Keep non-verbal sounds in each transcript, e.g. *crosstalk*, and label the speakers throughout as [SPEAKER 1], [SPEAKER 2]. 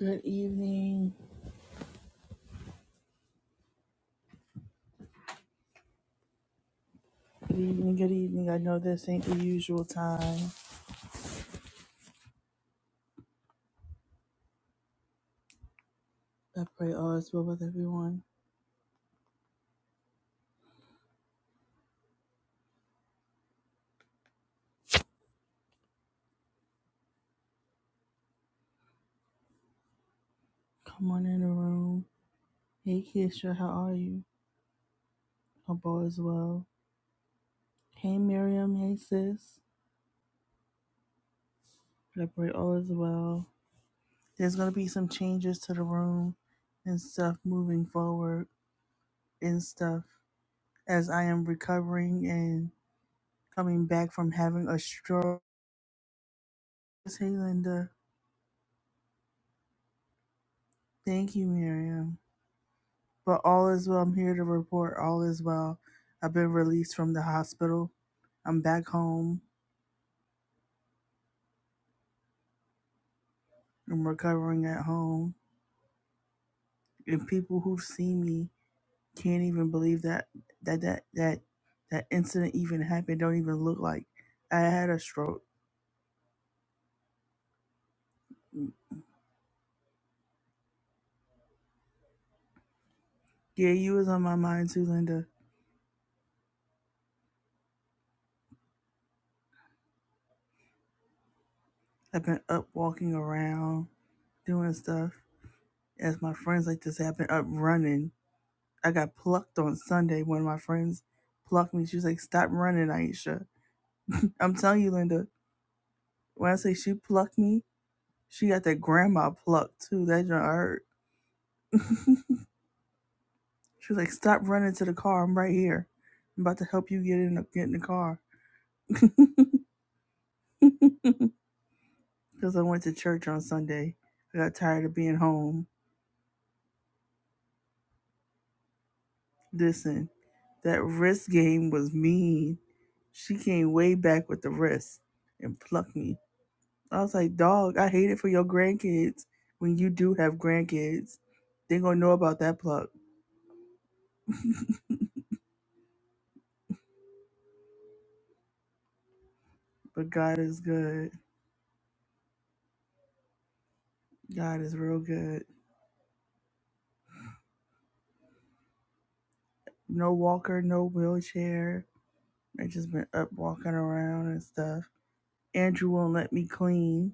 [SPEAKER 1] Good evening. Good evening. Good evening. I know this ain't the usual time. I pray all is well with everyone. Come on in the room. Hey, Keisha, how are you? Hope all is well. Hey, Miriam. Hey, sis. I pray all is well. There's going to be some changes to the room and stuff moving forward and stuff as I am recovering and coming back from having a stroke. Hey, Linda. Thank you, Miriam. But all is well. I'm here to report all is well. I've been released from the hospital. I'm back home. I'm recovering at home. And people who've seen me can't even believe that that that that that incident even happened. Don't even look like I had a stroke. Yeah, you was on my mind too, Linda. I've been up walking around, doing stuff. As my friends like to say, I've been up running. I got plucked on Sunday. One of my friends plucked me. She was like, Stop running, Aisha. I'm telling you, Linda. When I say she plucked me, she got that grandma pluck too. That done hurt. *laughs* she was like, "Stop running to the car. I'm right here. I'm about to help you get in the, get in the car." *laughs* Because I went to church on Sunday. I got tired of being home. Listen, that wrist game was mean. She came way back with the wrist and plucked me. I was like, dog, I hate it for your grandkids when you do have grandkids. They gonna know about that pluck. *laughs* But God is good. God is real good. No walker, no wheelchair. I just been up walking around and stuff. Andrew won't let me clean.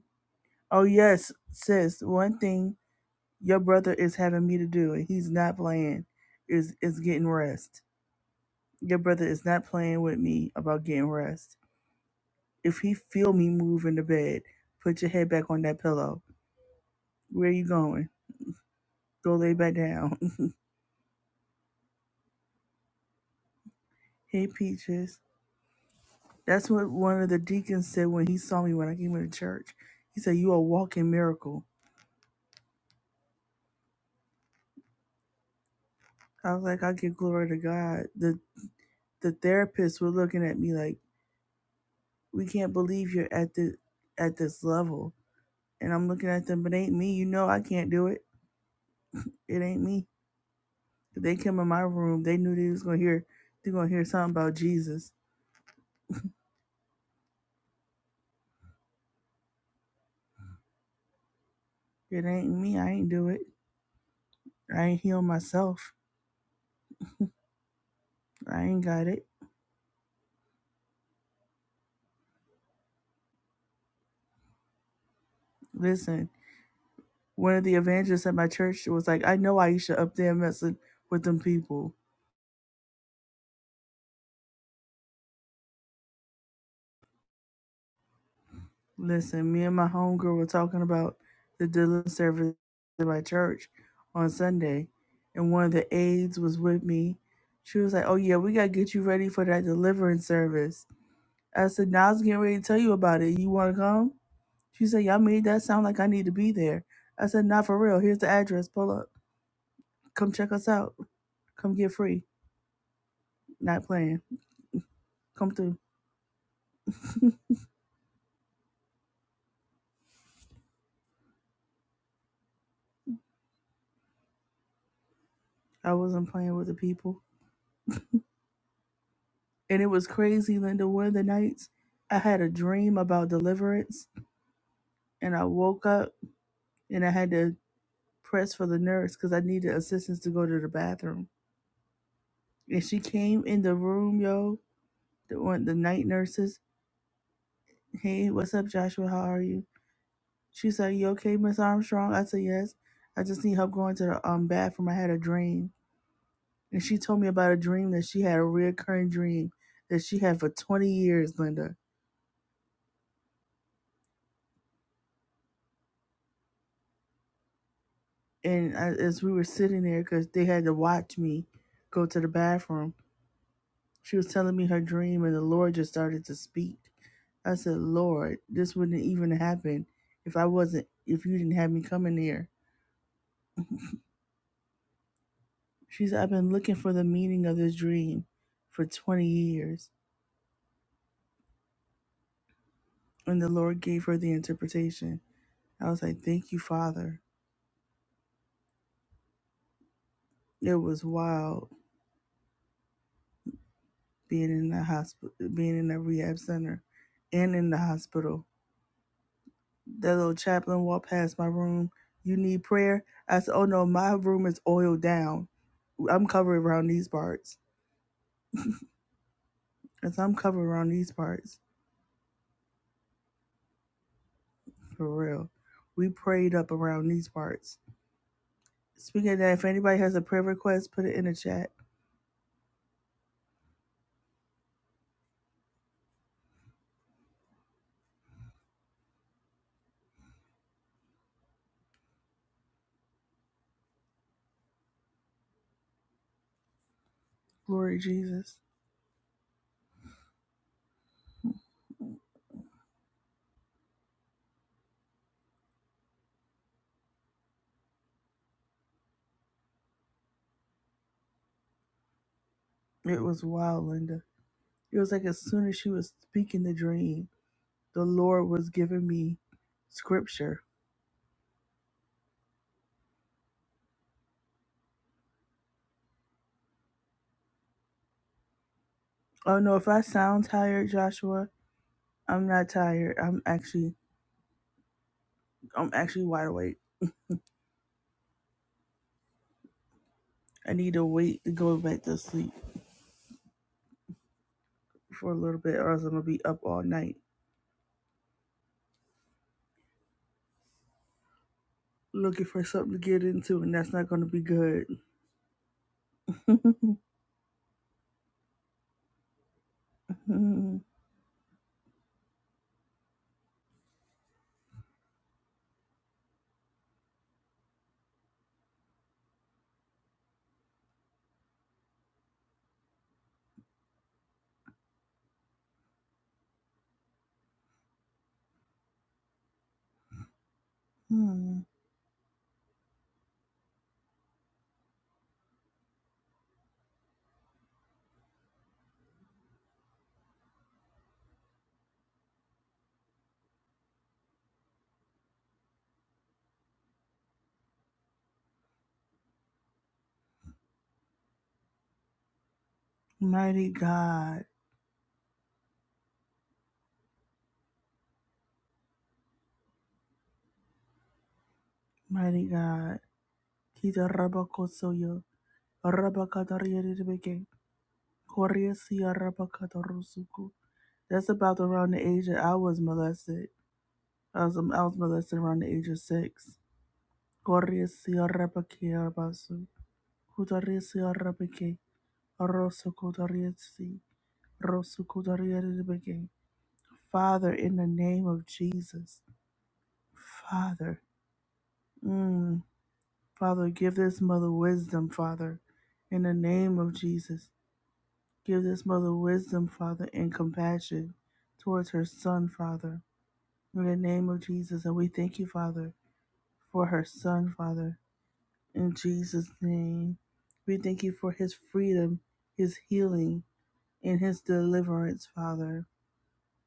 [SPEAKER 1] Oh yes, sis. One thing your brother is having me to do, and he's not playing, is is getting rest. Your brother is not playing with me about getting rest. If he feel me move in the bed, put your head back on that pillow. Where you going? Go lay back down. *laughs* hey peaches. That's what one of the deacons said when he saw me when I came into church. He said, "You are a walking miracle." I was like, "I give glory to God." The the therapists were looking at me like, "We can't believe you're at the at this level." And I'm looking at them, but it ain't me. You know, I can't do it. It ain't me. If they come in my room, they knew they was gonna hear. They gonna hear something about Jesus. It ain't me. I ain't do it. I ain't heal myself. I ain't got it. Listen. one of the evangelists at my church was like, I know Aisha up there messing with them people. Listen, me and my homegirl were talking about the deliverance service at my church on Sunday, and one of the aides was with me. She was like, Oh, yeah, we got to get you ready for that deliverance service. I said, Now I was getting ready to tell you about it. You want to come? She said, Y'all made that sound like I need to be there. I said, Not for real. Here's the address. Pull up. Come check us out. Come get free. Not playing. Come through. I wasn't playing with the people. And it was crazy, Linda. One of the nights I had a dream about deliverance and I woke up and I had to press for the nurse because I needed assistance to go to the bathroom. And she came in the room, yo, the one the night nurses. Hey, what's up, Joshua? How are you? She said, You okay, Miss Armstrong? I said, Yes. I just need help going to the um bathroom. I had a dream. And she told me about a dream that she had a reoccurring dream that she had for twenty years, Linda and I, as we were sitting there because they had to watch me go to the bathroom she was telling me her dream and the lord just started to speak i said lord this wouldn't even happen if i wasn't if you didn't have me coming here she said i've been looking for the meaning of this dream for 20 years and the lord gave her the interpretation i was like thank you father it was wild being in the hospital being in the rehab center and in the hospital That little chaplain walked past my room. You need prayer? I said, Oh no, my room is oiled down. I'm covered around these parts. And said, I'm covered around these parts. For real. We prayed up around these parts. Speaking of that, if anybody has a prayer request, put it in the chat. Glory Jesus. It was wild, Linda. It was like as soon as she was speaking the dream, the Lord was giving me scripture. Oh no, if I sound tired, Joshua, I'm not tired. I'm actually I'm actually wide awake. I need to wait to go back to sleep for a little bit or else I'm gonna be up all night looking for something to get into and that's not gonna be good. *laughs* mighty God, mighty God. Kita rabakosoyo, rabakatariyarebeke. Korea Sierra Pakatarusuku. That's about around the age that I was molested. I was, um, I was molested around the age of six. Korea Sierra Pakirabasu. Kutaria Sierra Pake. Rosu Kutaria Si. Rosu Kutaria Father, in the name of Jesus. Father. Mm. Father, give this mother wisdom, Father. In the name of Jesus. Give this mother wisdom, Father, and compassion towards her son, Father. In the name of Jesus, and we thank you, Father, for her son, Father. In Jesus' name, we thank you for his freedom, his healing, and his deliverance, Father,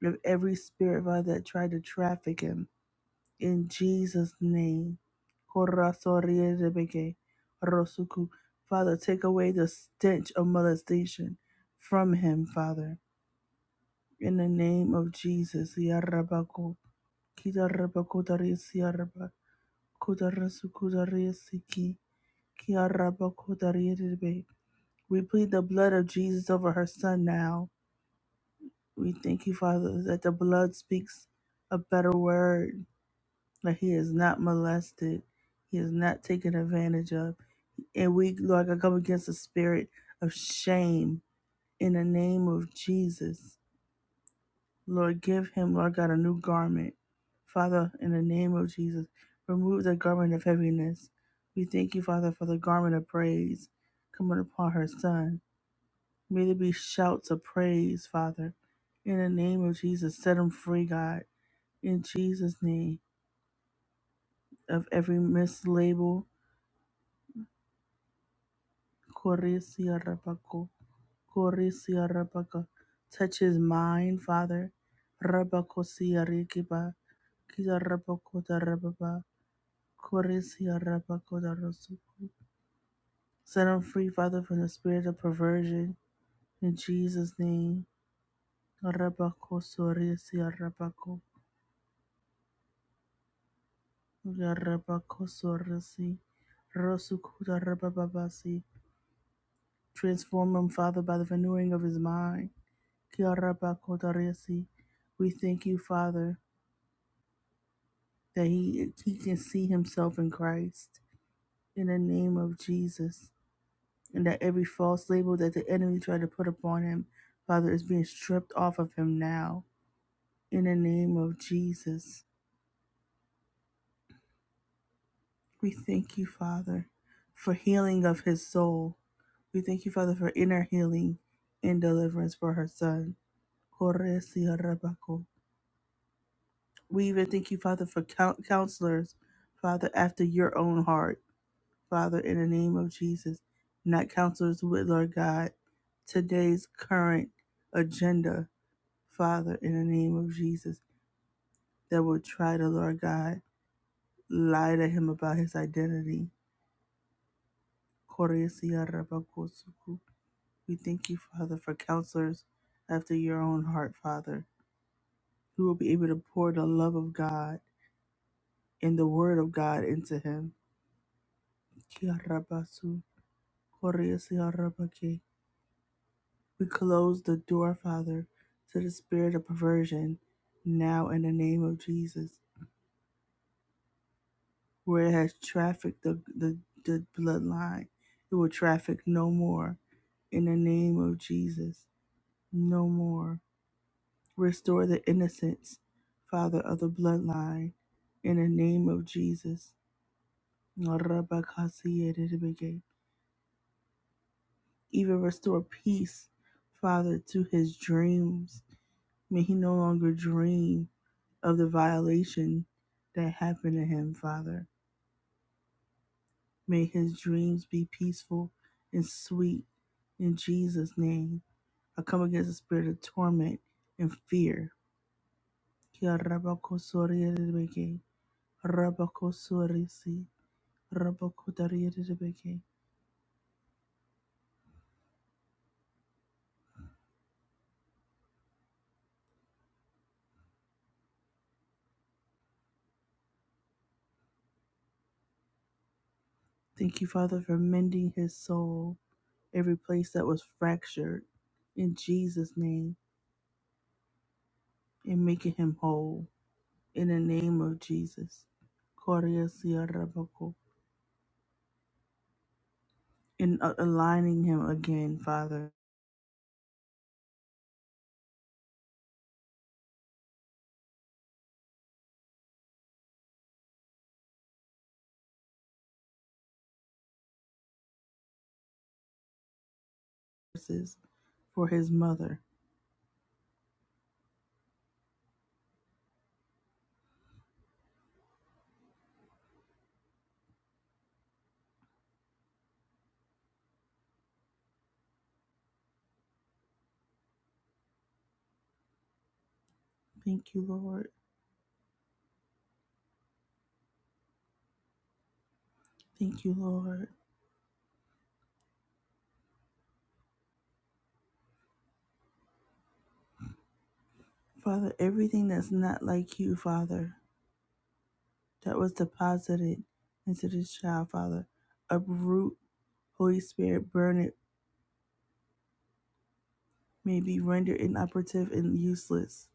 [SPEAKER 1] of every spirit, Father, that tried to traffic him. In Jesus' name. Korasorierebeke, Rosuku. Father, take away the stench of molestation from him, Father. In the name of Jesus. Yarabako, Kitarabako, Tarisiaraba. Kodarasu kodarisiki, kiaraba kodariribe. We plead the blood of Jesus over her son now. We thank you, Father, that the blood speaks a better word, that he is not molested, he is not taken advantage of. And we, Lord, God, come against the spirit of shame in the name of Jesus. Lord, give him, Lord God, a new garment. Father, in the name of Jesus, remove the garment of heaviness. We thank you, Father, for the garment of praise coming upon her son. May there be shouts of praise, Father. In the name of Jesus, set him free, God. In Jesus' name, of every mislabel, Correcia Rabaco, Correcia Rabaca. Touch his mind, Father. Rabaco Sia Rikiba, Kiza Rabaco da Rababa. Koresia rabakodarasu. Set them free, Father, from the spirit of perversion. In Jesus' name. Rabakosoresia rabako. Yarabakosoresi. Rosukodarabababasi. Transform him, Father, by the renewing of his mind. Kiarabakodaresi. We thank you, Father, that he, he can see himself in Christ. In the name of Jesus. and that every false label that the enemy tried to put upon him, Father, is being stripped off of him now. In the name of Jesus, we thank you, Father, for healing of his soul. We thank you, Father, for inner healing and deliverance for her son. We even thank you, Father, for coun- counselors, Father, after your own heart, Father, in the name of Jesus, not counselors with, Lord God, today's current agenda Father, in the name of Jesus, that would try to, Lord God, lie to him about his identity. We thank you, Father, for counselors after your own heart, Father, who will be able to pour the love of God and the word of God into him. We close the door, Father, to the spirit of perversion now in the name of Jesus. where it has trafficked the, the, the bloodline. It will traffic no more in the name of Jesus. No more. Restore the innocence, Father, of the bloodline in the name of Jesus. Rabakasiyadidibige. Even restore peace, Father, to his dreams. May he no longer dream of the violation that happened to him, Father. May his dreams be peaceful and sweet in Jesus' name. I come against the spirit of torment and fear. Kia rabakosorierebeke, rabakosorisi, rabakotariebeke. Thank you, Father, for mending his soul, every place that was fractured, in Jesus' name, and making him whole, in the name of Jesus. Koriesie rabako. And uh, aligning him again, Father for his mother. Thank you, Lord. Thank you, Lord. Father, everything that's not like you, Father, that was deposited into this child, Father, uproot, Holy Spirit, burn it, may be rendered inoperative and useless.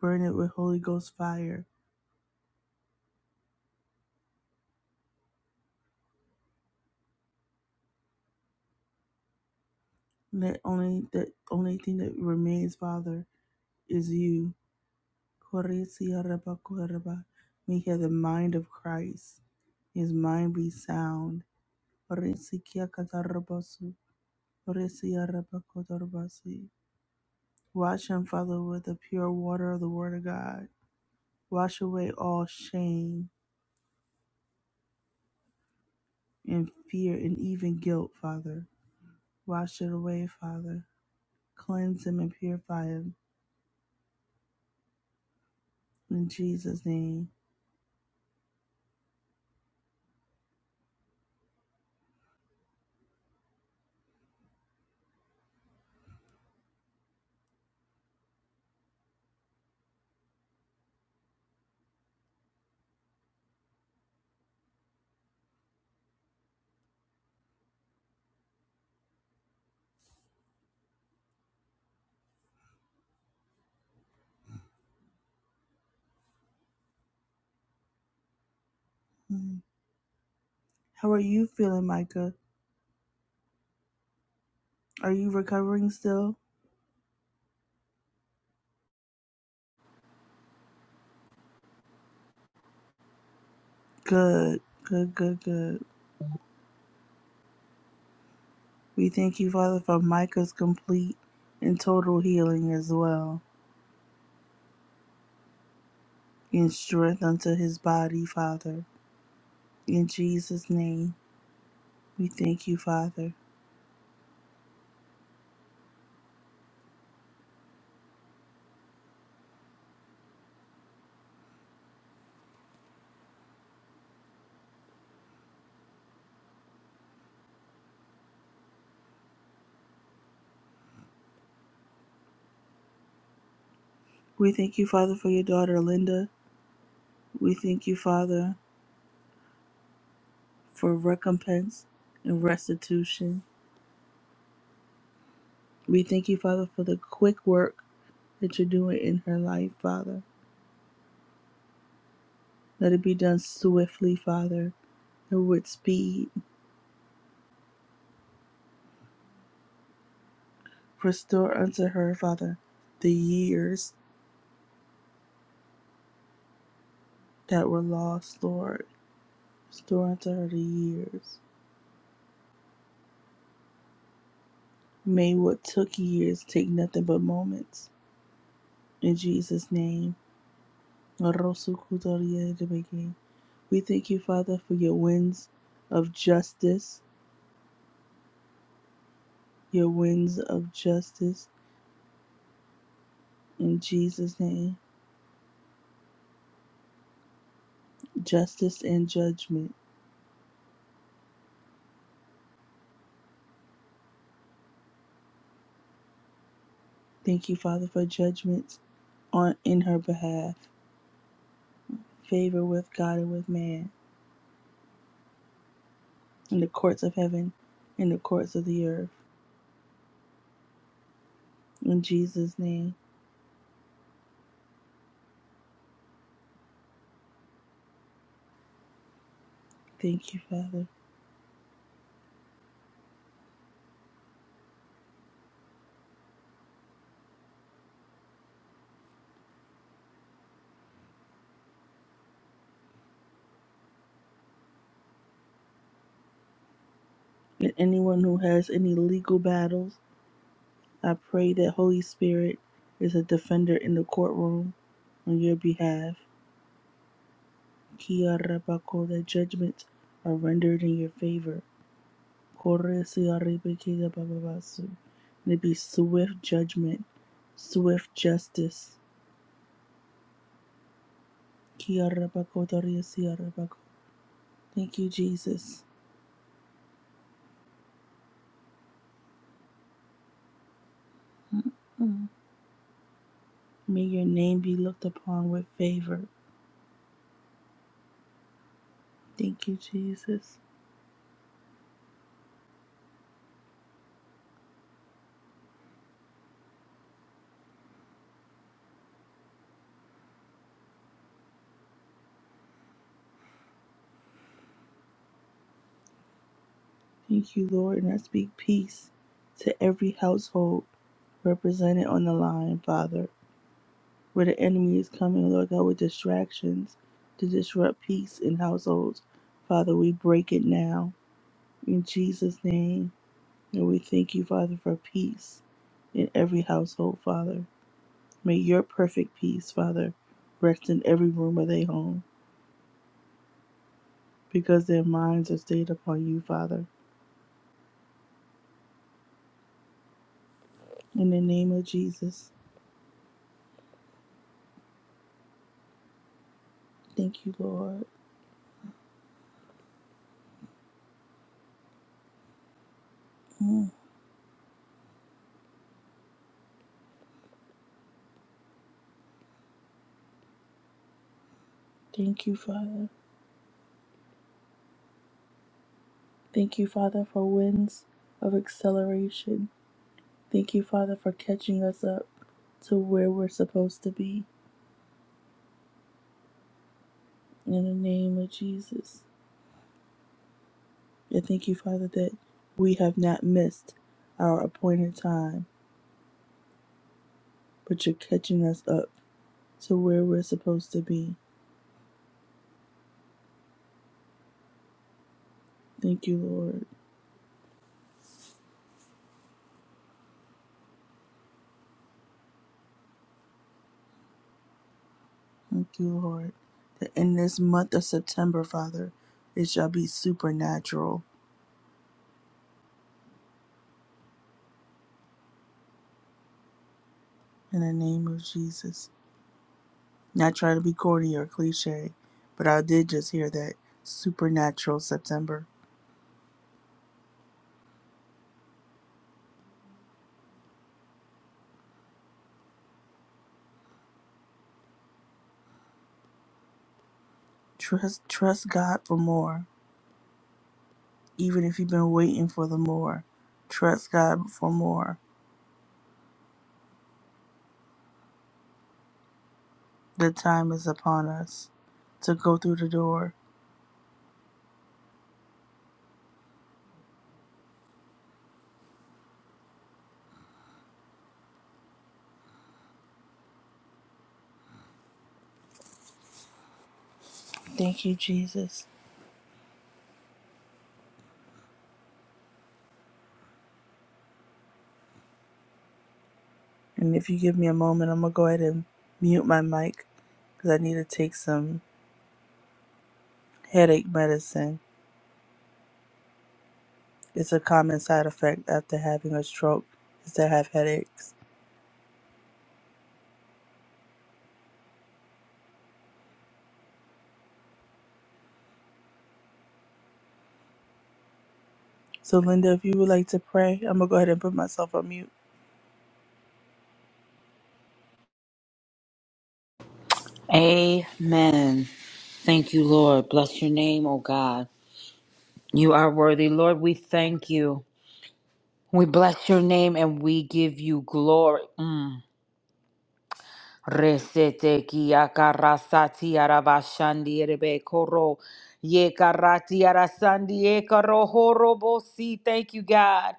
[SPEAKER 1] Burn it with Holy Ghost fire. Let only that only thing that remains, Father, is you. Koresia reba koreba. May he have the mind of Christ. His mind be sound. Koresikia Orisiarabakotorobasi. Wash and Father, with the pure water of the Word of God. Wash away all shame and fear and even guilt, Father. Wash it away, Father. Cleanse him and purify him in Jesus' name. Mm. How are you feeling, Micah? Are you recovering still? Good, good, good, good. We thank you, Father, for Micah's complete and total healing as well, and strength unto his body, Father. In Jesus' name. We thank you, Father. We thank you, Father, for your daughter Linda. We thank you, Father, for recompense and restitution. We thank you, Father, for the quick work that you're doing in her life, Father. Let it be done swiftly, Father, and with speed. Restore unto her, Father, the years that were lost, Lord. Restore unto her the years. May what took years take nothing but moments. In Jesus' name. We thank you, Father, for your winds of justice, your winds of justice in Jesus' name, justice and judgment. Thank you, Father, for judgments on in her behalf, favor with God and with man, in the courts of heaven, in the courts of the earth. In Jesus' name, thank you, Father. And anyone who has any legal battles, I pray that Holy Spirit is a defender in the courtroom on your behalf Kia rabako, that judgments are rendered in your favor. Kore siarebe kia bababasu. May be swift judgment, swift justice. Kia rabako, Thank you, Jesus. Mm. May your name be looked upon with favor. Thank you, Jesus. Thank you, Lord. And I speak peace to every household represented on the line, Father. where the enemy is coming, Lord God, with distractions to disrupt peace in households. Father, we break it now in Jesus' name. And we thank you, Father, for peace in every household, Father. May your perfect peace, Father, rest in every room of their home because their minds are stayed upon you, Father. In the name of Jesus, thank you, Lord. Mm. Thank you, Father. Thank you, Father, for winds of acceleration Thank you, Father, for catching us up to where we're supposed to be in the name of Jesus. And thank you, Father, that we have not missed our appointed time, but you're catching us up to where we're supposed to be. Thank you, Lord. Thank you, Lord. That in this month of September, Father, it shall be supernatural in the name of Jesus. Not trying to be corny or cliche, but I did just hear that supernatural September. Trust trust God for more. Even if you've been waiting for the more, trust God for more. The time is upon us to go through the door. Thank you, Jesus. And if you give me a moment, I'm gonna go ahead and mute my mic because I need to take some headache medicine. It's a common side effect after having a stroke is to have headaches. So, Linda, if you would like to pray, I'm gonna go ahead and put myself on mute.
[SPEAKER 2] Amen. Thank you, Lord. Bless your name, O God. You are worthy, Lord. We thank you. We bless your name and we give you glory. Mm. Resete ki akarasati arabashandi erebe koro. Ye karati arasandi e karo horobosi. Thank you, God.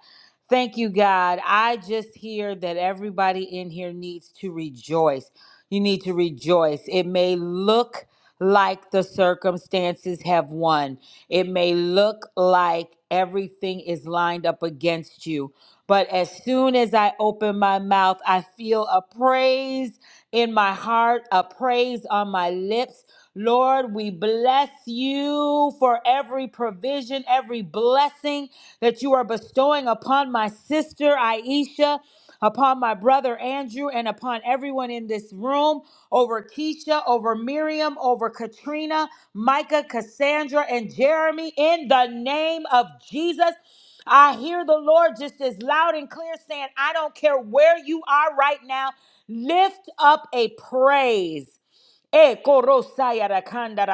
[SPEAKER 2] Thank you, God. I just hear that everybody in here needs to rejoice. You need to rejoice. It may look like the circumstances have won. It may look like everything is lined up against you, but as soon as I open my mouth, I feel a praise in my heart, a praise on my lips. Lord, we bless you for every provision, every blessing that you are bestowing upon my sister, Aisha upon my brother Andrew and upon everyone in this room, over Keisha, over Miriam, over Katrina, Micah, Cassandra, and Jeremy, in the name of Jesus. I hear the Lord just as loud and clear saying, I don't care where you are right now, lift up a praise. Eh, korosaya da kanda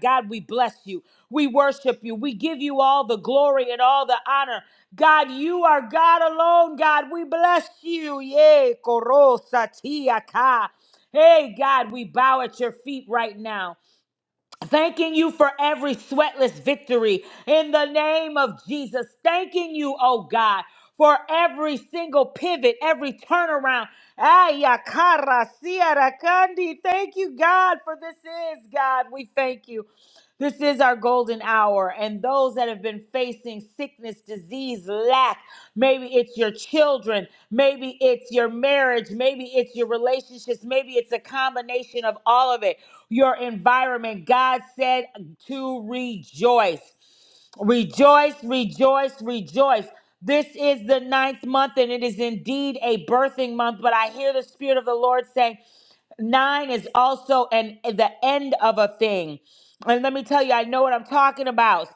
[SPEAKER 2] God, we bless you. We worship you. We give you all the glory and all the honor. God, you are God alone. God, we bless you. Yay, korosa tiaka. Hey, God, we bow at your feet right now. Thanking you for every sweatless victory in the name of Jesus. Thanking you, oh God, for every single pivot, every turnaround. Ayakara siarakandi. Thank you, God, for this is God. We thank you. This is our golden hour. And those that have been facing sickness, disease, lack, maybe it's your children, maybe it's your marriage, maybe it's your relationships, maybe it's a combination of all of it, your environment. God said to rejoice. Rejoice, rejoice, rejoice. This is the ninth month, and it is indeed a birthing month. But I hear the Spirit of the Lord saying, Nine is also an the end of a thing. And let me tell you, I know what I'm talking about.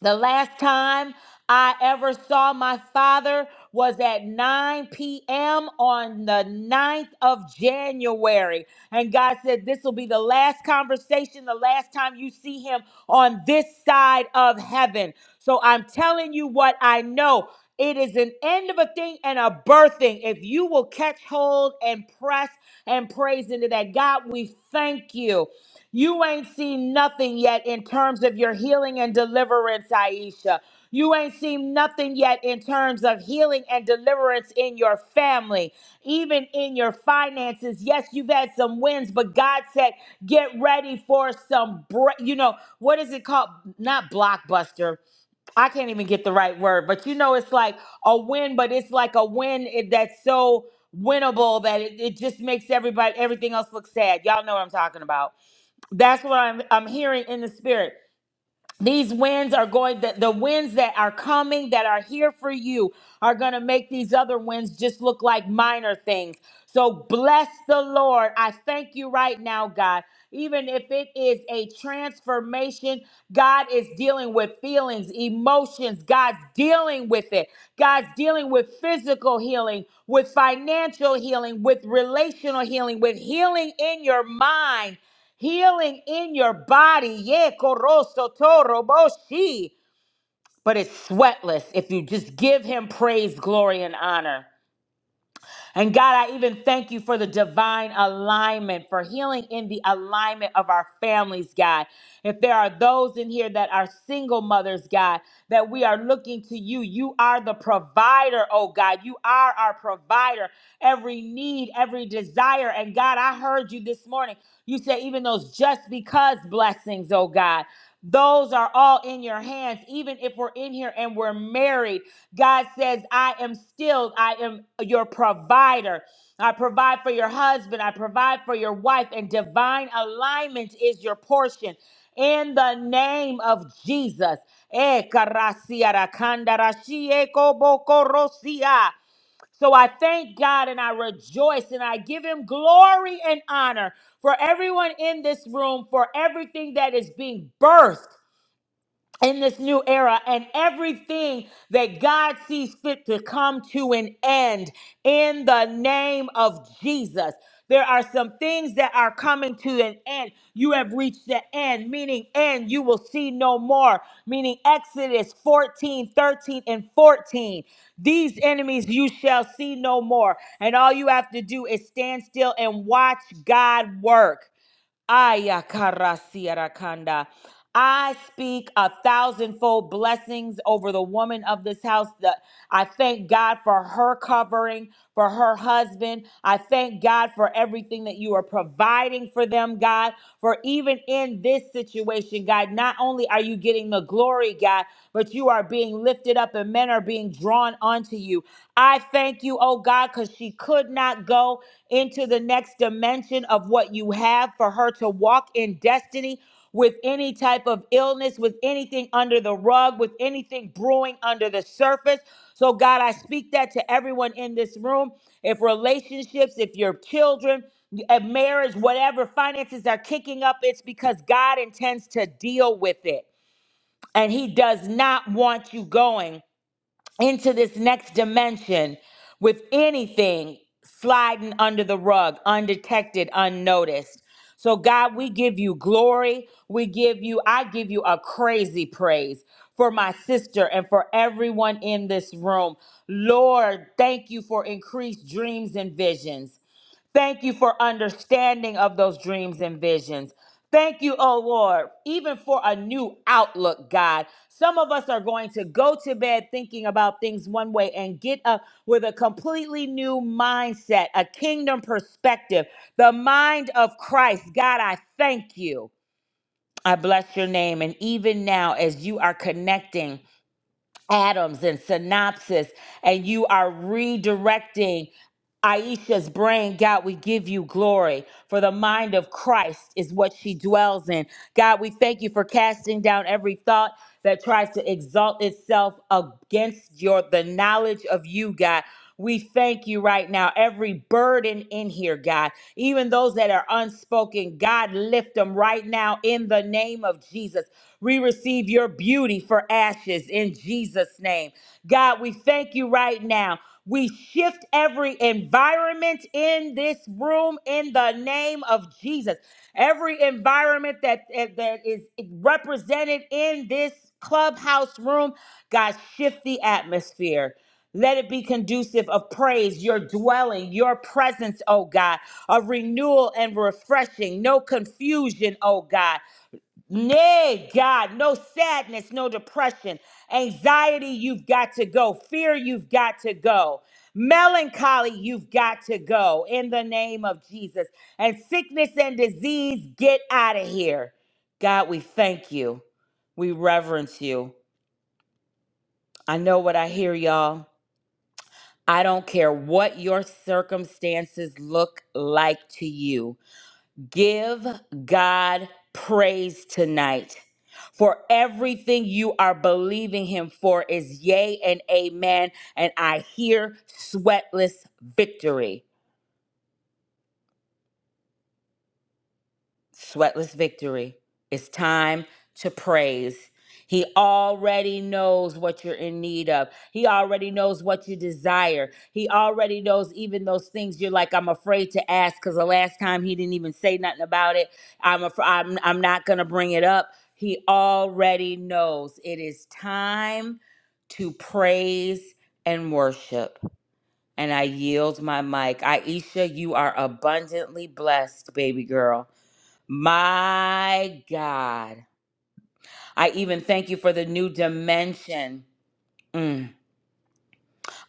[SPEAKER 2] The last time I ever saw my father was at 9 p.m. on the 9th of January. And God said, This will be the last conversation, the last time you see him on this side of heaven. So I'm telling you what I know. It is an end of a thing and a birthing. If you will catch hold and press and praise into that, God, we thank you. You ain't seen nothing yet in terms of your healing and deliverance, Aisha. You ain't seen nothing yet in terms of healing and deliverance in your family, even in your finances. Yes, you've had some wins, but God said, get ready for some, bre- you know, what is it called? Not blockbuster. I can't even get the right word, but you know, it's like a win, but it's like a win it- that's so winnable that it, it just makes everybody, everything else look sad. Y'all know what I'm talking about. That's what I'm I'm hearing in the spirit. These winds are going the, the winds that are coming that are here for you are going to make these other winds just look like minor things. So bless the Lord. I thank you right now, God. Even if it is a transformation, God is dealing with feelings, emotions. God's dealing with it. God's dealing with physical healing, with financial healing, with relational healing, with healing in your mind healing in your body. Yeah, koroso toro boshi. But it's sweatless if you just give him praise, glory, and honor. And God, I even thank you for the divine alignment, for healing in the alignment of our families, God. If there are those in here that are single mothers, God, that we are looking to you. You are the provider, oh God. You are our provider. Every need, every desire. And God, I heard you this morning. You said even those just because blessings, oh God. Those are all in your hands, even if we're in here and we're married. God says, I am still, I am your provider. I provide for your husband, I provide for your wife, and divine alignment is your portion. In the name of Jesus. Eh, karasia ra kandara eh, kobo So I thank God and I rejoice and I give him glory and honor for everyone in this room, for everything that is being birthed in this new era and everything that God sees fit to come to an end in the name of Jesus. There are some things that are coming to an end. You have reached the end, meaning end, you will see no more, meaning Exodus 14, 13, and 14. These enemies you shall see no more. And all you have to do is stand still and watch God work. Ayakarasiarakanda. I speak a thousandfold blessings over the woman of this house. That I thank God for her covering, for her husband. I thank God for everything that you are providing for them, God. For even in this situation, God, not only are you getting the glory, God, but you are being lifted up and men are being drawn onto you. I Thank you, oh God, because she could not go into the next dimension of what you have for her to walk in destiny with any type of illness, with anything under the rug, with anything brewing under the surface. So, God, I speak that to everyone in this room. If relationships, if your children, a marriage, whatever finances are kicking up, it's because God intends to deal with it. And He does not want you going into this next dimension with anything sliding under the rug, undetected, unnoticed. So, God, we give you glory. We give you, I give you a crazy praise for my sister and for everyone in this room. Lord, thank you for increased dreams and visions. Thank you for understanding of those dreams and visions. Thank you, oh Lord, even for a new outlook, God. Some of us are going to go to bed thinking about things one way and get up with a completely new mindset, a kingdom perspective, the mind of Christ. God, I thank you. I bless your name. And even now, as you are connecting atoms and synopsis, and you are redirecting Aisha's brain, God, we give you glory for the mind of Christ is what she dwells in. God, we thank you for casting down every thought that tries to exalt itself against your the knowledge of you, God. We thank you right now. Every burden in here, God, even those that are unspoken, God, lift them right now in the name of Jesus. We receive your beauty for ashes in Jesus' name. God, we thank you right now. We shift every environment in this room in the name of Jesus. Every environment that, eh, that is represented in this clubhouse room, God, shift the atmosphere. Let it be conducive of praise, your dwelling, your presence, oh God, a renewal and refreshing, no confusion, oh God. Nay, God, no sadness, no depression. Anxiety, you've got to go. Fear, you've got to go. Melancholy, you've got to go in the name of Jesus. And sickness and disease, get out of here. God, we thank you. We reverence you. I know what I hear, y'all. I don't care what your circumstances look like to you. Give God praise tonight. For everything you are believing him for is yea and amen. And I hear sweatless victory. Sweatless victory. It's time to praise. He already knows what you're in need of. He already knows what you desire. He already knows even those things you're like, I'm afraid to ask because the last time he didn't even say nothing about it. I'm, af- I'm, I'm not going to bring it up. He already knows it is time to praise and worship. And I yield my mic. Aisha, you are abundantly blessed, baby girl. My God. I even thank you for the new dimension. Mm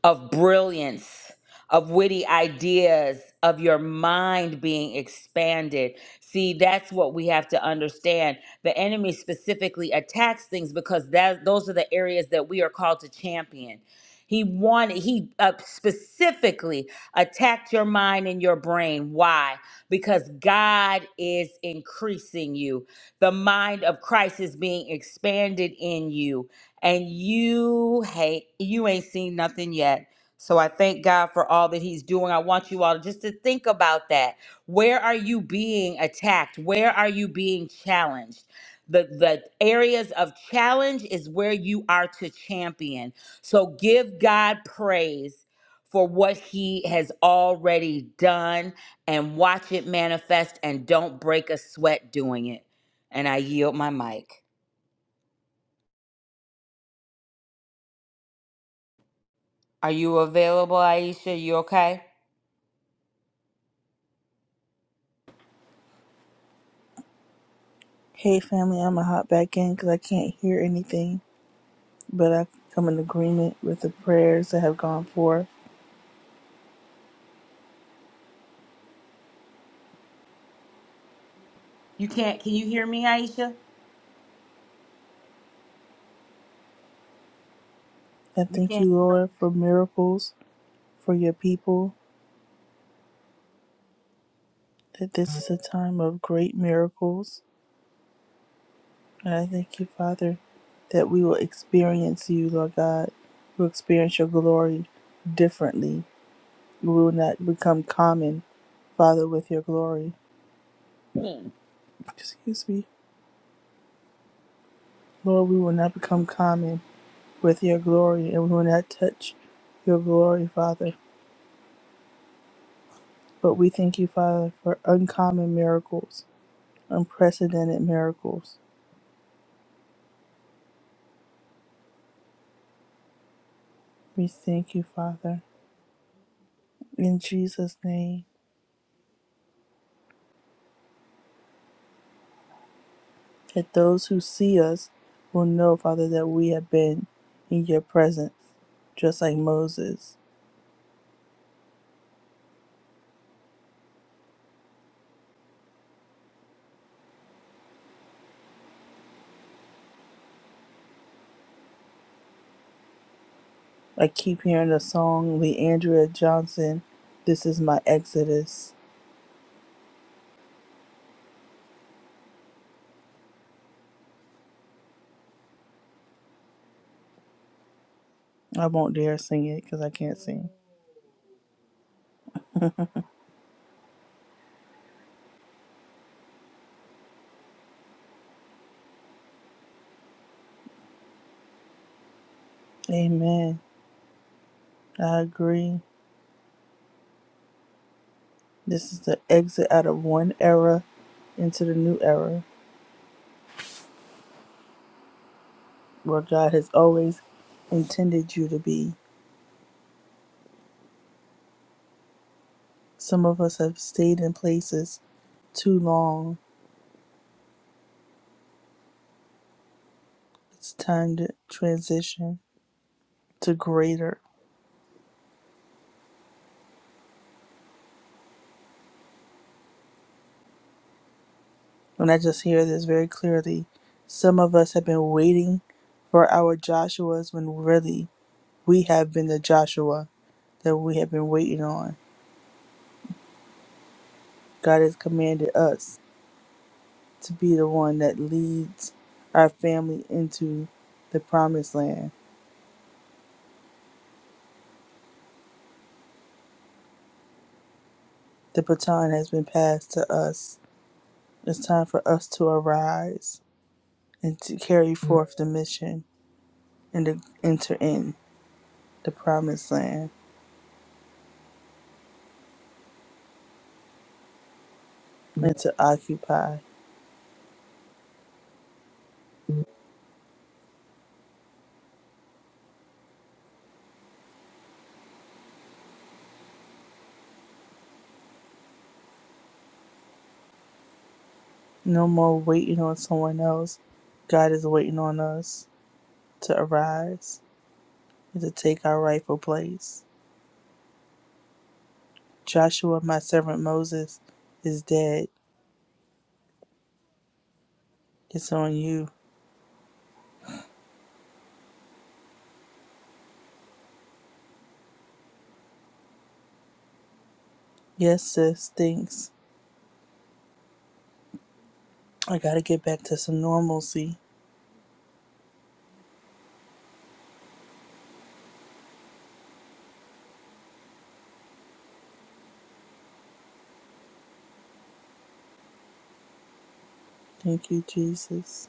[SPEAKER 2] of brilliance, of witty ideas, of your mind being expanded. See, that's what we have to understand. The enemy specifically attacks things because that those are the areas that we are called to champion. He wanted, he uh, specifically attacked your mind and your brain. Why? Because God is increasing you. The mind of Christ is being expanded in you and you hate you ain't seen nothing yet. So I thank God for all that he's doing. I want you all just to think about that. Where are you being attacked? Where are you being challenged? The the areas of challenge is where you are to champion. So give God praise for what he has already done and watch it manifest and don't break a sweat doing it. And I yield my mic. Are you available, Aisha? You okay?
[SPEAKER 1] Hey, family, I'm gonna hop back in because I can't hear anything. but I come in agreement with the prayers that have gone forth.
[SPEAKER 2] You can't. Can you hear me, Aisha?
[SPEAKER 1] I
[SPEAKER 2] You
[SPEAKER 1] thank
[SPEAKER 2] can't.
[SPEAKER 1] you, Lord, for miracles for your people, that this is a time of great miracles. And I thank you, Father, that we will experience you, Lord God. We'll experience your glory differently. We will not become common, Father, with your glory. Excuse me. Lord, we will not become common with your glory, and we will not touch your glory, Father. But we thank you, Father, for uncommon miracles, unprecedented miracles. We thank you, Father, in Jesus' name, that those who see us will know, Father, that we have been in your presence, just like Moses. I keep hearing the song, Leandria Johnson, This is My Exodus. I won't dare sing it because I can't sing. *laughs* Amen. I agree. This is the exit out of one era into the new era. where God has always intended you to be. Some of us have stayed in places too long. It's time to transition to greater. And I just hear this very clearly. Some of us have been waiting for our Joshuas when really we have been the Joshua that we have been waiting on. God has commanded us to be the one that leads our family into the promised land. The baton has been passed to us It's time for us to arise and to carry forth the mission and to enter in the promised land and to occupy. No more waiting on someone else. God is waiting on us to arise and to take our rightful place. Joshua, my servant Moses, is dead. It's on you. Yes, sis, thanks. I gotta get back to some normalcy. Thank you, Jesus.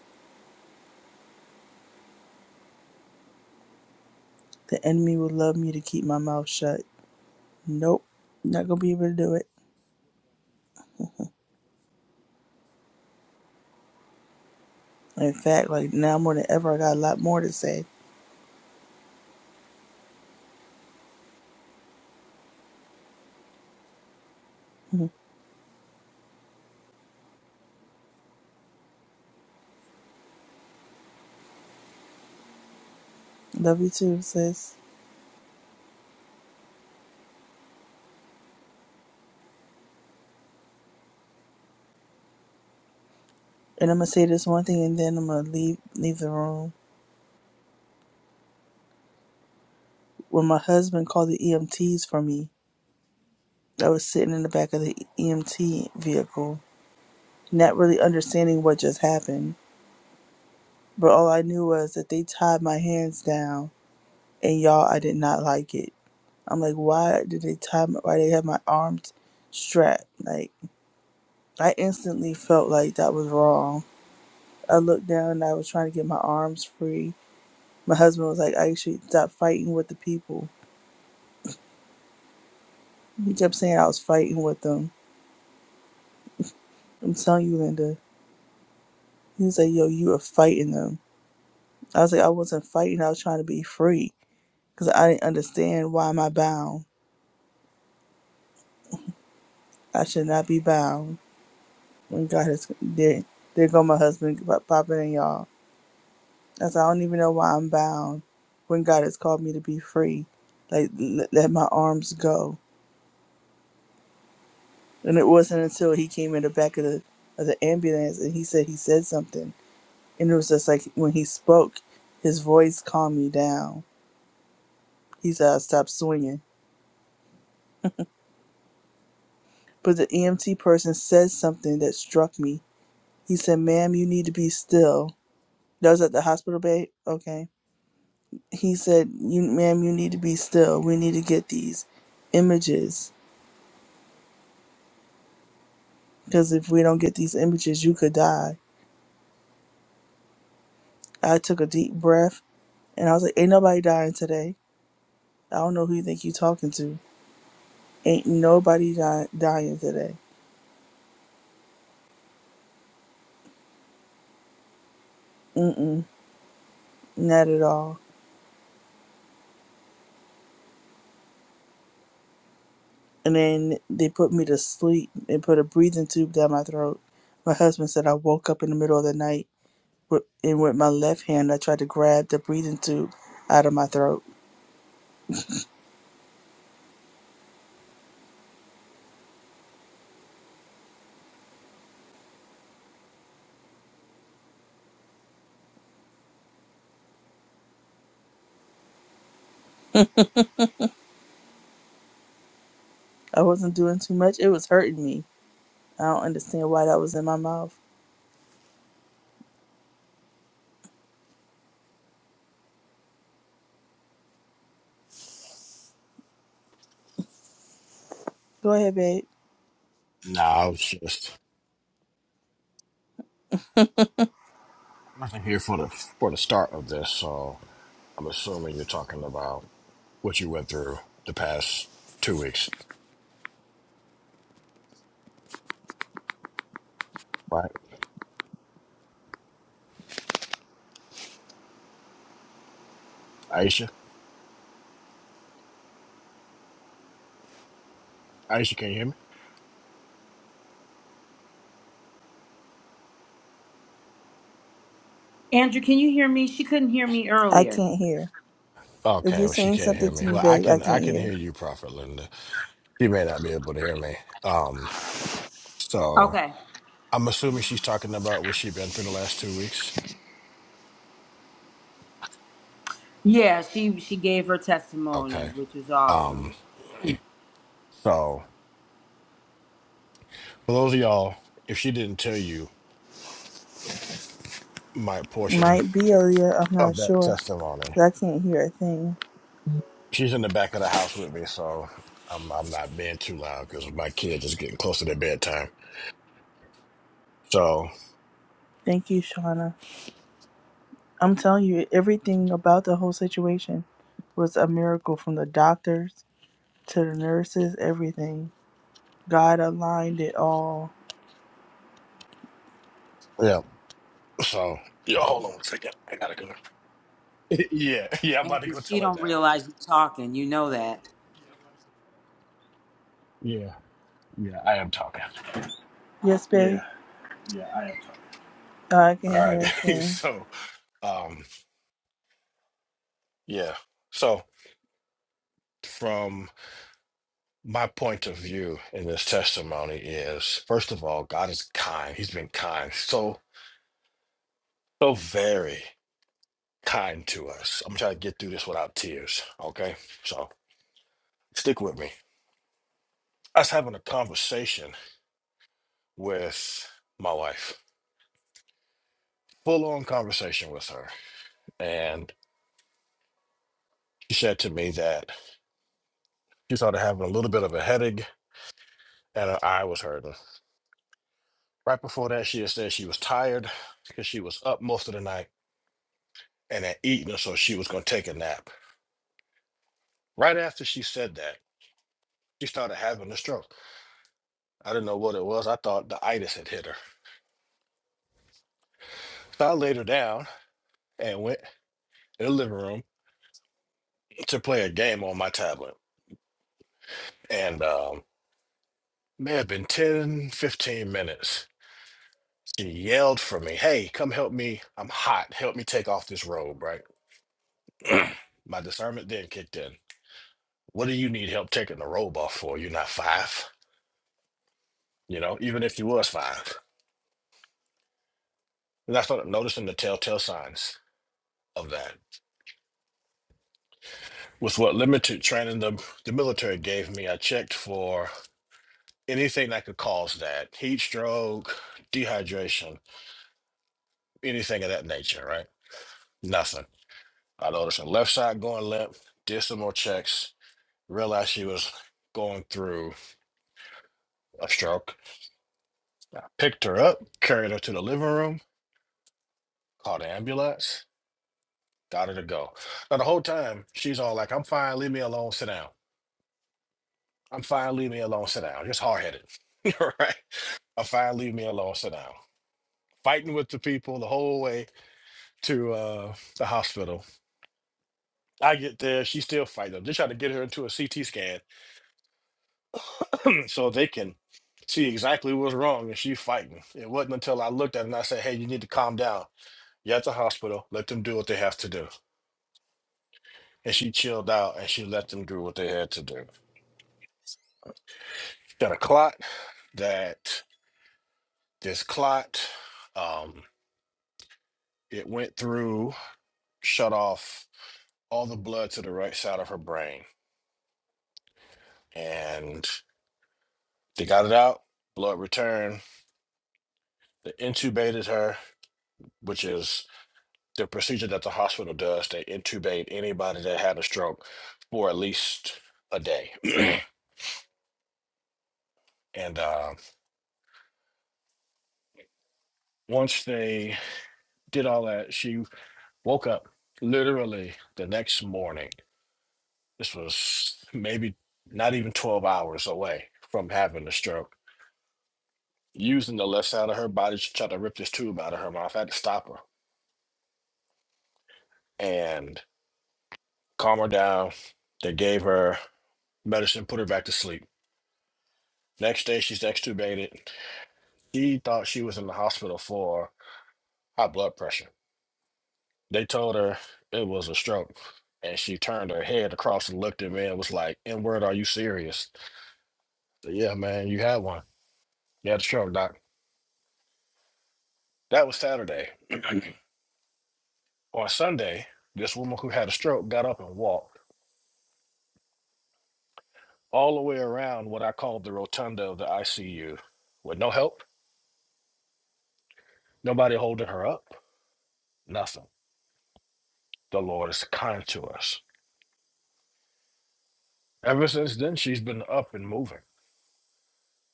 [SPEAKER 1] The enemy would love me to keep my mouth shut. Nope, not gonna be able to do it. In fact, like now more than ever, I got a lot more to say. *laughs* Love you too, sis. And I'm gonna say this one thing, and then I'm gonna leave leave the room. When my husband called the EMTs for me, I was sitting in the back of the EMT vehicle, not really understanding what just happened. But all I knew was that they tied my hands down, and y'all, I did not like it. I'm like, why did they tie? My, why they have my arms strapped? Like, I instantly felt like that was wrong I looked down and I was trying to get my arms free. My husband was like, I should stop fighting with the people. He kept saying I was fighting with them. I'm telling you, Linda. He was like, Yo, you were fighting them. I was like, I wasn't fighting. I was trying to be free because I didn't understand why am I bound. I should not be bound. When God has there, there go my husband pop- popping in y'all. I said, I don't even know why I'm bound. When God has called me to be free, like let my arms go. And it wasn't until he came in the back of the of the ambulance and he said he said something. And it was just like when he spoke, his voice calmed me down. He said I stopped swinging. But the EMT person said something that struck me. He said, "Ma'am, you need to be still." That was at the hospital bay. Okay. He said, "You, ma'am, you need to be still. We need to get these images because if we don't get these images, you could die." I took a deep breath and I was like, "Ain't nobody dying today. I don't know who you think you're talking to." Ain't nobody di- dying today. Mm-mm, not at all. And then they put me to sleep and put a breathing tube down my throat. My husband said I woke up in the middle of the night with- and with my left hand I tried to grab the breathing tube out of my throat. I wasn't doing too much. It was hurting me. I don't understand why that was in my mouth. Go ahead, babe.
[SPEAKER 3] No, I was just I'm here for the for the start of this, so I'm assuming you're talking about what you went through the past two weeks, right? Aisha? Aisha, can you hear me?
[SPEAKER 2] Andrew, can you hear me? She couldn't hear me
[SPEAKER 1] I
[SPEAKER 2] earlier.
[SPEAKER 1] can't hear. If
[SPEAKER 3] Okay,
[SPEAKER 1] you're
[SPEAKER 3] well she
[SPEAKER 1] saying
[SPEAKER 3] can't hear
[SPEAKER 1] something to
[SPEAKER 3] me.
[SPEAKER 1] me,
[SPEAKER 3] Well I
[SPEAKER 1] babe, I
[SPEAKER 3] can I
[SPEAKER 1] can't
[SPEAKER 3] can
[SPEAKER 1] hear.
[SPEAKER 3] hear you, Prophet Linda. She may not be able to hear me. Um so
[SPEAKER 2] Okay.
[SPEAKER 3] I'm assuming she's talking about what she's been through the last two weeks.
[SPEAKER 2] Yeah, she she gave her testimony,
[SPEAKER 3] Okay.
[SPEAKER 2] which is
[SPEAKER 3] Um
[SPEAKER 2] awesome.
[SPEAKER 3] so for those of y'all, if she didn't tell you my portion
[SPEAKER 1] Might be Aaliyah. I'm not
[SPEAKER 3] of that
[SPEAKER 1] sure.
[SPEAKER 3] testimony
[SPEAKER 1] But I can't hear a thing.
[SPEAKER 3] She's in the back of the house with me, so I'm I'm not being too loud because my kids is getting close to their bedtime. So
[SPEAKER 1] Thank you, Shauna. I'm telling you, everything about the whole situation was a miracle from the doctors to the nurses, everything. God aligned it all.
[SPEAKER 3] yeah, so yeah. Hold on one second. I gotta go. *laughs* yeah, yeah. I'm about to
[SPEAKER 2] Andrew,
[SPEAKER 3] go tell
[SPEAKER 2] she
[SPEAKER 3] her
[SPEAKER 2] don't
[SPEAKER 3] now.
[SPEAKER 2] realize you're talking. You know that.
[SPEAKER 3] Yeah, yeah. I am talking.
[SPEAKER 1] Yes, babe? Yeah, yeah, I am sorry. I
[SPEAKER 3] All
[SPEAKER 1] can't hear
[SPEAKER 3] right.
[SPEAKER 1] a
[SPEAKER 3] *laughs*
[SPEAKER 1] thing.
[SPEAKER 3] so um, yeah. So from my point of view in this testimony is first of all, God is kind. He's been kind. So so very kind to us. I'm trying to get through this without tears. Okay, so stick with me. I was having a conversation with my wife, full on conversation with her. And she said to me that she started having a little bit of a headache and her eye was hurting. Right before that, she had said she was tired because she was up most of the night and had eaten, so she was going to take a nap. Right after she said that, she started having a stroke. I didn't know what it was. I thought the itis had hit her. So I laid her down and went in the living room to play a game on my tablet. And um, May have been 10, 15 minutes. She yelled for me, Hey, come help me. I'm hot. Help me take off this robe, right? *clears throat* My discernment then kicked in. What do you need help taking the robe off for? You're not five, you know, even if you was five. And I started noticing the telltale signs of that. With what limited training the, the military gave me, I checked for anything that could cause that heat stroke, dehydration, anything of that nature, right? Nothing. I noticed her left side going limp, did some more checks, realized she was going through a stroke. I picked her up, carried her to the living room, called an ambulance, got her to go. Now, the whole time, she's all like, I'm fine, leave me alone, sit down. I'm fine, leave me alone, sit down. Just hard headed. *laughs* right? I'm fine, leave me alone, sit down. Fighting with the people the whole way to uh, the hospital. I get there, she's still fighting. them. They try to get her into a CT scan so they can see exactly what's wrong and she fighting. It wasn't until I looked at her and I said, Hey, you need to calm down. You're at the hospital, let them do what they have to do. And she chilled out and she let them do what they had to do. Got a clot that this clot, um, it went through, shut off all the blood to the right side of her brain. And they got it out, blood returned, they intubated her, which is the procedure that the hospital does, they intubate anybody that had a stroke for at least a day. *clears throat* and uh, once they did all that, she woke up literally the next morning. This was maybe not even 12 hours away from having the stroke. Using the left side of her body, she tried to rip this tube out of her mouth. I had to stop her and calm her down. They gave her medicine, put her back to sleep. Next day, she's extubated. She thought she was in the hospital for high blood pressure. They told her it was a stroke, and she turned her head across and looked at me and was like, "N word, are you serious?" I said, yeah, man, you had one. You had a stroke, doc. That was Saturday. On Sunday, this woman who had a stroke got up and walked all the way around what I called the rotunda of the ICU, with no help, nobody holding her up, nothing. The Lord is kind to us. Ever since then, she's been up and moving.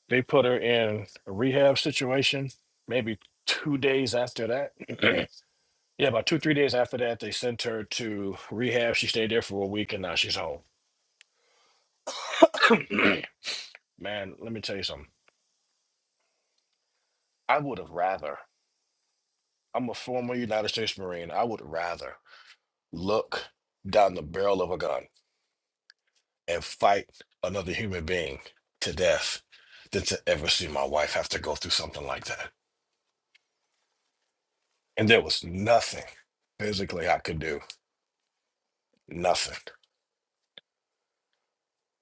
[SPEAKER 3] They put her in a rehab situation. Maybe two days after that, *clears throat* yeah, about two three days after that, they sent her to rehab. She stayed there for a week, and now she's home. *clears throat* Man, let me tell you something. I would have rather. I'm a former United States Marine. I would rather look down the barrel of a gun and fight another human being to death than to ever see my wife have to go through something like that. And there was nothing physically I could do. Nothing.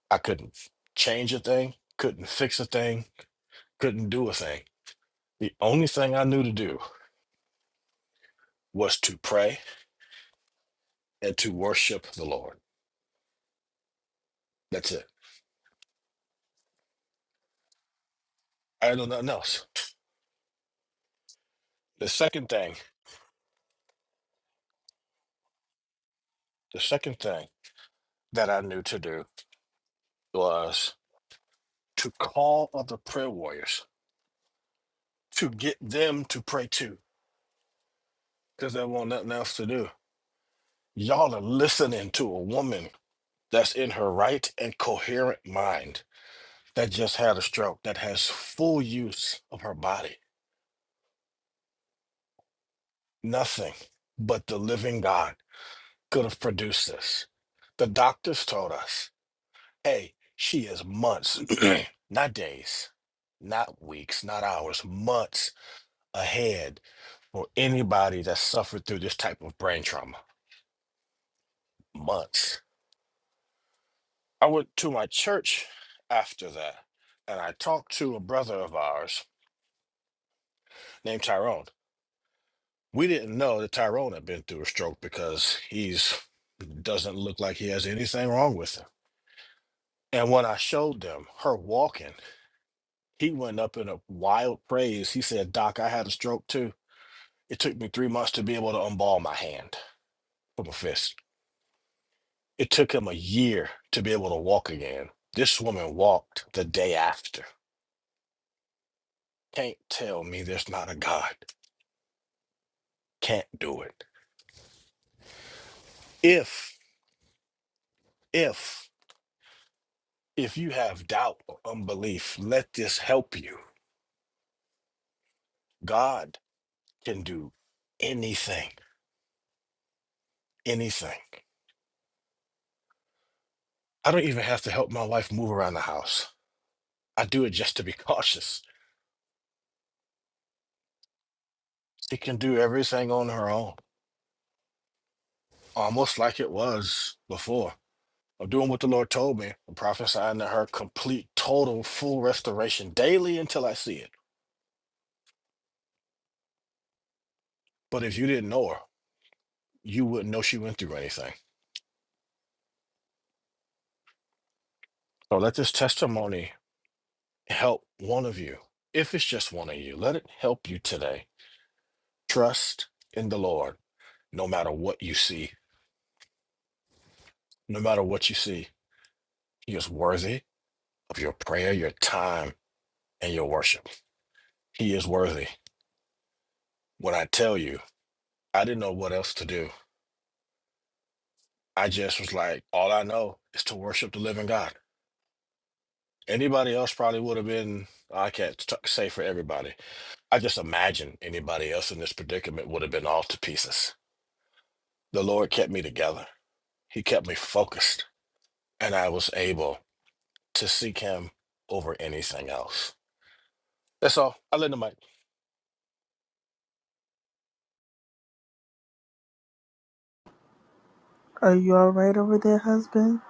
[SPEAKER 3] I couldn't change a thing, couldn't fix a thing, couldn't do a thing. The only thing I knew to do was to pray and to worship the Lord. That's it. I know nothing else. The second thing, the second thing that I knew to do was to call other prayer warriors to get them to pray too, because they want nothing else to do. Y'all are listening to a woman that's in her right and coherent mind that just had a stroke, that has full use of her body Nothing but the living God could have produced this. The doctors told us, hey, she is months, *clears throat* not days, not weeks, not hours, months ahead for anybody that suffered through this type of brain trauma. Months. I went to my church after that and I talked to a brother of ours named Tyrone. We didn't know that Tyrone had been through a stroke because he's doesn't look like he has anything wrong with him And when I showed them her walking, he went up in a wild praise. He said, Doc, I had a stroke too. It took me three months to be able to unball my hand from a fist. It took him a year to be able to walk again. This woman walked the day after. Can't tell me there's not a God. Can't do it. If, if, if you have doubt or unbelief, let this help you. God can do anything, anything. I don't even have to help my wife move around the house. I do it just to be *laughs* cautious. She can do everything on her own, almost like it was before. I'm doing what the Lord told me, and prophesying to her complete, total, full restoration daily until I see it. But if you didn't know her, you wouldn't know she went through anything. So let this testimony help one of you. If it's just one of you, let it help you today. Trust in the Lord, no matter what you see, no matter what you see. He is worthy of your prayer, your time, and your worship. He is worthy. When I tell you, I didn't know what else to do. I just was like, all I know is to worship the living God. Anybody else probably would have been, I can't t- say for everybody. I just imagine anybody else in this predicament would have been all to pieces. The Lord kept me together, He kept me focused, and I was able to seek Him over anything else. That's all. I lend the mic.
[SPEAKER 1] Are you alright over there, husband?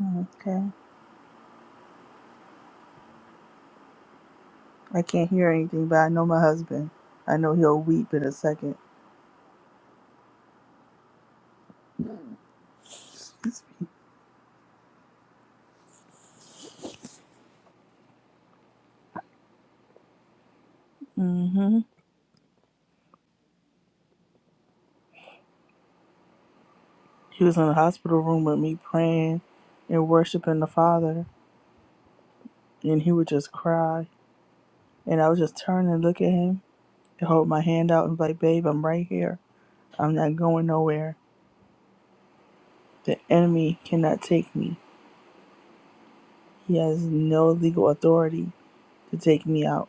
[SPEAKER 1] Mm, Okay. I can't hear anything, but I know my husband. I know he'll weep in a second. Mm-hmm. He was in the hospital room with me praying and worshiping the Father, and he would just cry. And I would just turn and look at him. and hold my hand out and be like, babe, I'm right here. I'm not going nowhere. The enemy cannot take me. He has no legal authority to take me out.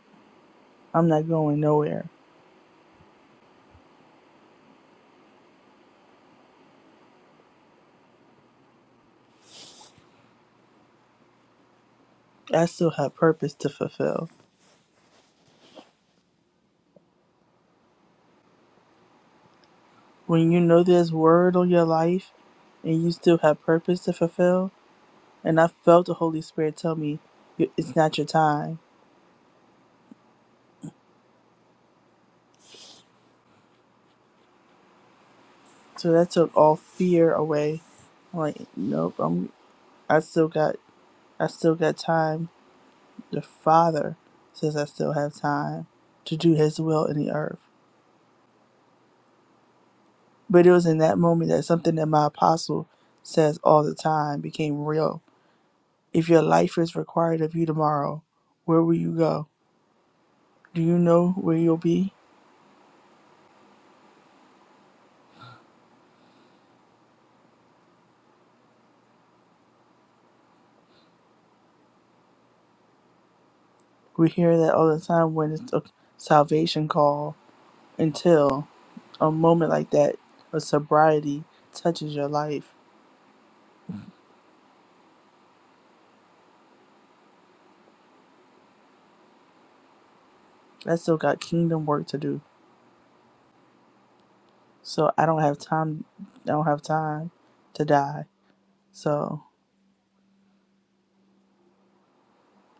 [SPEAKER 1] I'm not going nowhere. I still have purpose to fulfill. When you know there's word on your life and you still have purpose to fulfill, and I felt the Holy Spirit tell me, "You- it's not your time. So that took all fear away. I'm like, nope, I'm, I still got, I still got time The Father says I still have time to do His will in the earth. But it was in that moment that something that my apostle says all the time became real. If your life is required of you tomorrow, where will you go? Do you know where you'll be? We hear that all the time when it's a salvation call until a moment like that of sobriety touches your life. I still got kingdom work to do. So I don't have time I don't have time to die. So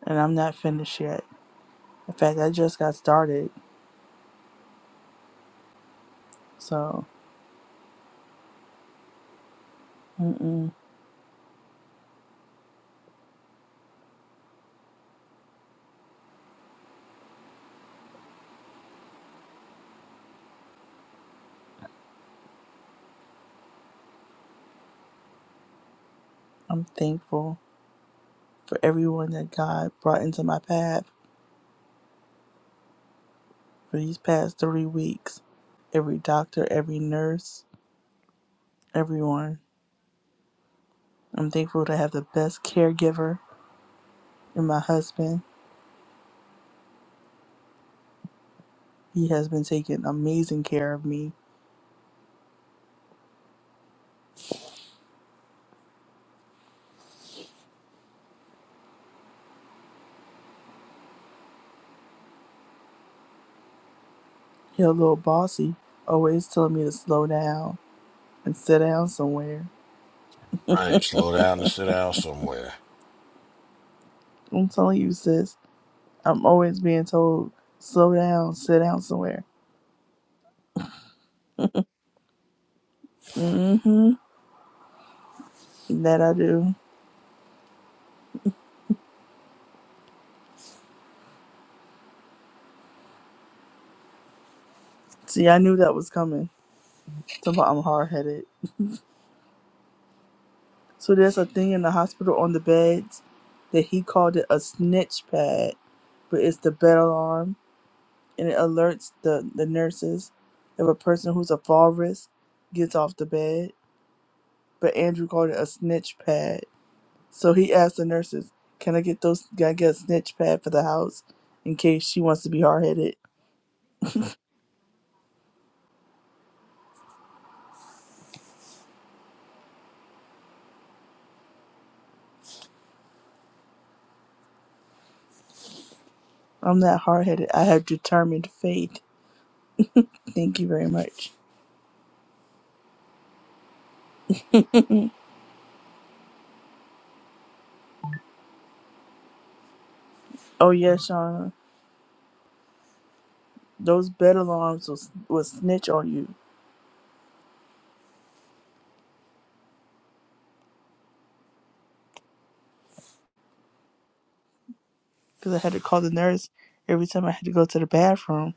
[SPEAKER 1] and I'm not finished yet. In fact, I just got started. So mm-mm, I'm thankful for everyone that God brought into my path for these past three weeks. Every doctor, every nurse, everyone. I'm thankful to have the best caregiver in my husband. He has been taking amazing care of me. He's a little bossy, always telling me to slow down and sit down somewhere.
[SPEAKER 3] Right. Slow down and sit down somewhere.
[SPEAKER 1] I'm telling you, sis, I'm always being told, slow down, sit down somewhere hmm That I do. See, I knew that was coming. Somehow I'm hard headed. So there's a thing in the hospital on the beds that he called it a snitch pad, but it's the bed alarm and it alerts the, the nurses if a person who's a fall risk gets off the bed. But Andrew called it a snitch pad. So he asked the nurses, Can I get those can I get a snitch pad for the house in case she wants to be hard headed? I'm not hard headed. I have determined fate. Thank you very much. *laughs* Oh yeah, Shauna. Those bed alarms was would snitch on you because I had to call the nurse every time I had to go to the bathroom.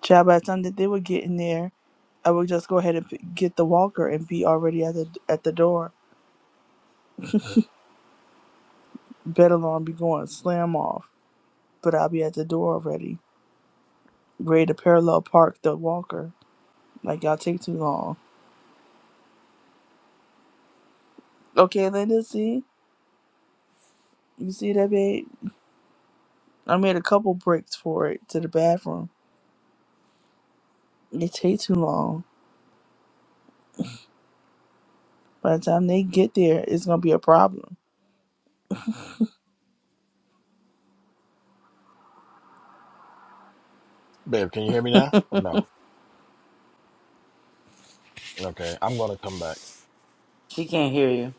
[SPEAKER 1] Child, by the time that they would get in there, I would just go ahead and p- get the walker and be already at the at the door. Bed alarm be going slam off, but I'll be at the door already, ready to parallel park the walker. Like y'all take too long. Okay, Linda, see you see that babe? I made a couple breaks for it to the bathroom. It take too long. By the time they get there, it's gonna be a problem.
[SPEAKER 3] Babe, can you hear me now or no? Okay. I'm going to come back.
[SPEAKER 2] She can't hear you.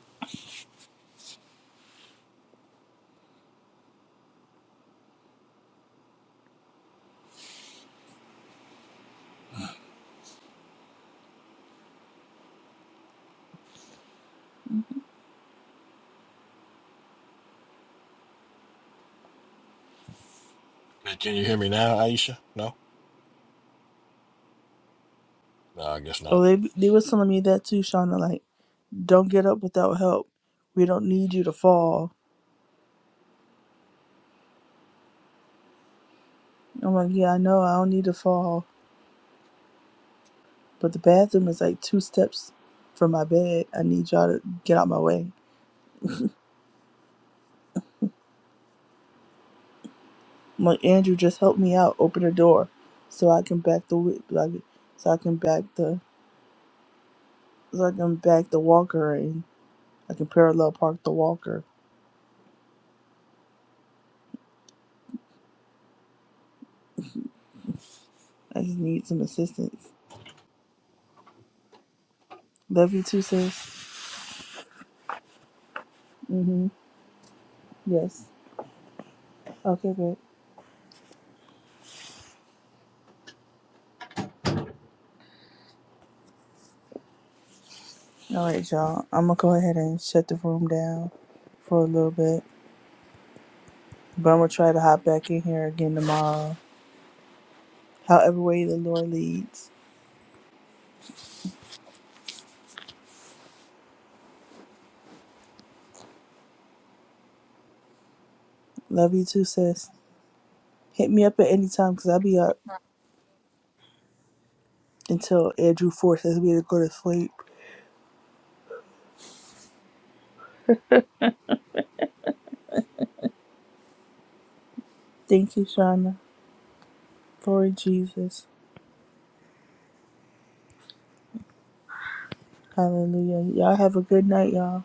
[SPEAKER 3] Hey, Can you hear me now, Aisha? No? No, I guess not.
[SPEAKER 1] Oh, they they was telling me that too, Shauna. Like, don't get up without help. We don't need you to fall. I'm like, yeah, I know. I don't need to fall, but the bathroom is like two steps from my bed. I need y'all to get out my way. I'm like, Andrew, just help me out. Open the door, so I can back the wi- like, so I can back the so I can back the walker and I can parallel park the walker. I just need some assistance. Love you too, sis. Mhm. Yes. Okay, babe. All right, y'all. I'm gonna go ahead and shut the room down for a little bit, but I'm gonna try to hop back in here again tomorrow. However way the Lord leads. Love you too, sis. Hit me up at any time because I'll be up until Andrew forces me to go to sleep. Thank you, Shauna. Glory Jesus. Hallelujah. Y'all have a good night, y'all.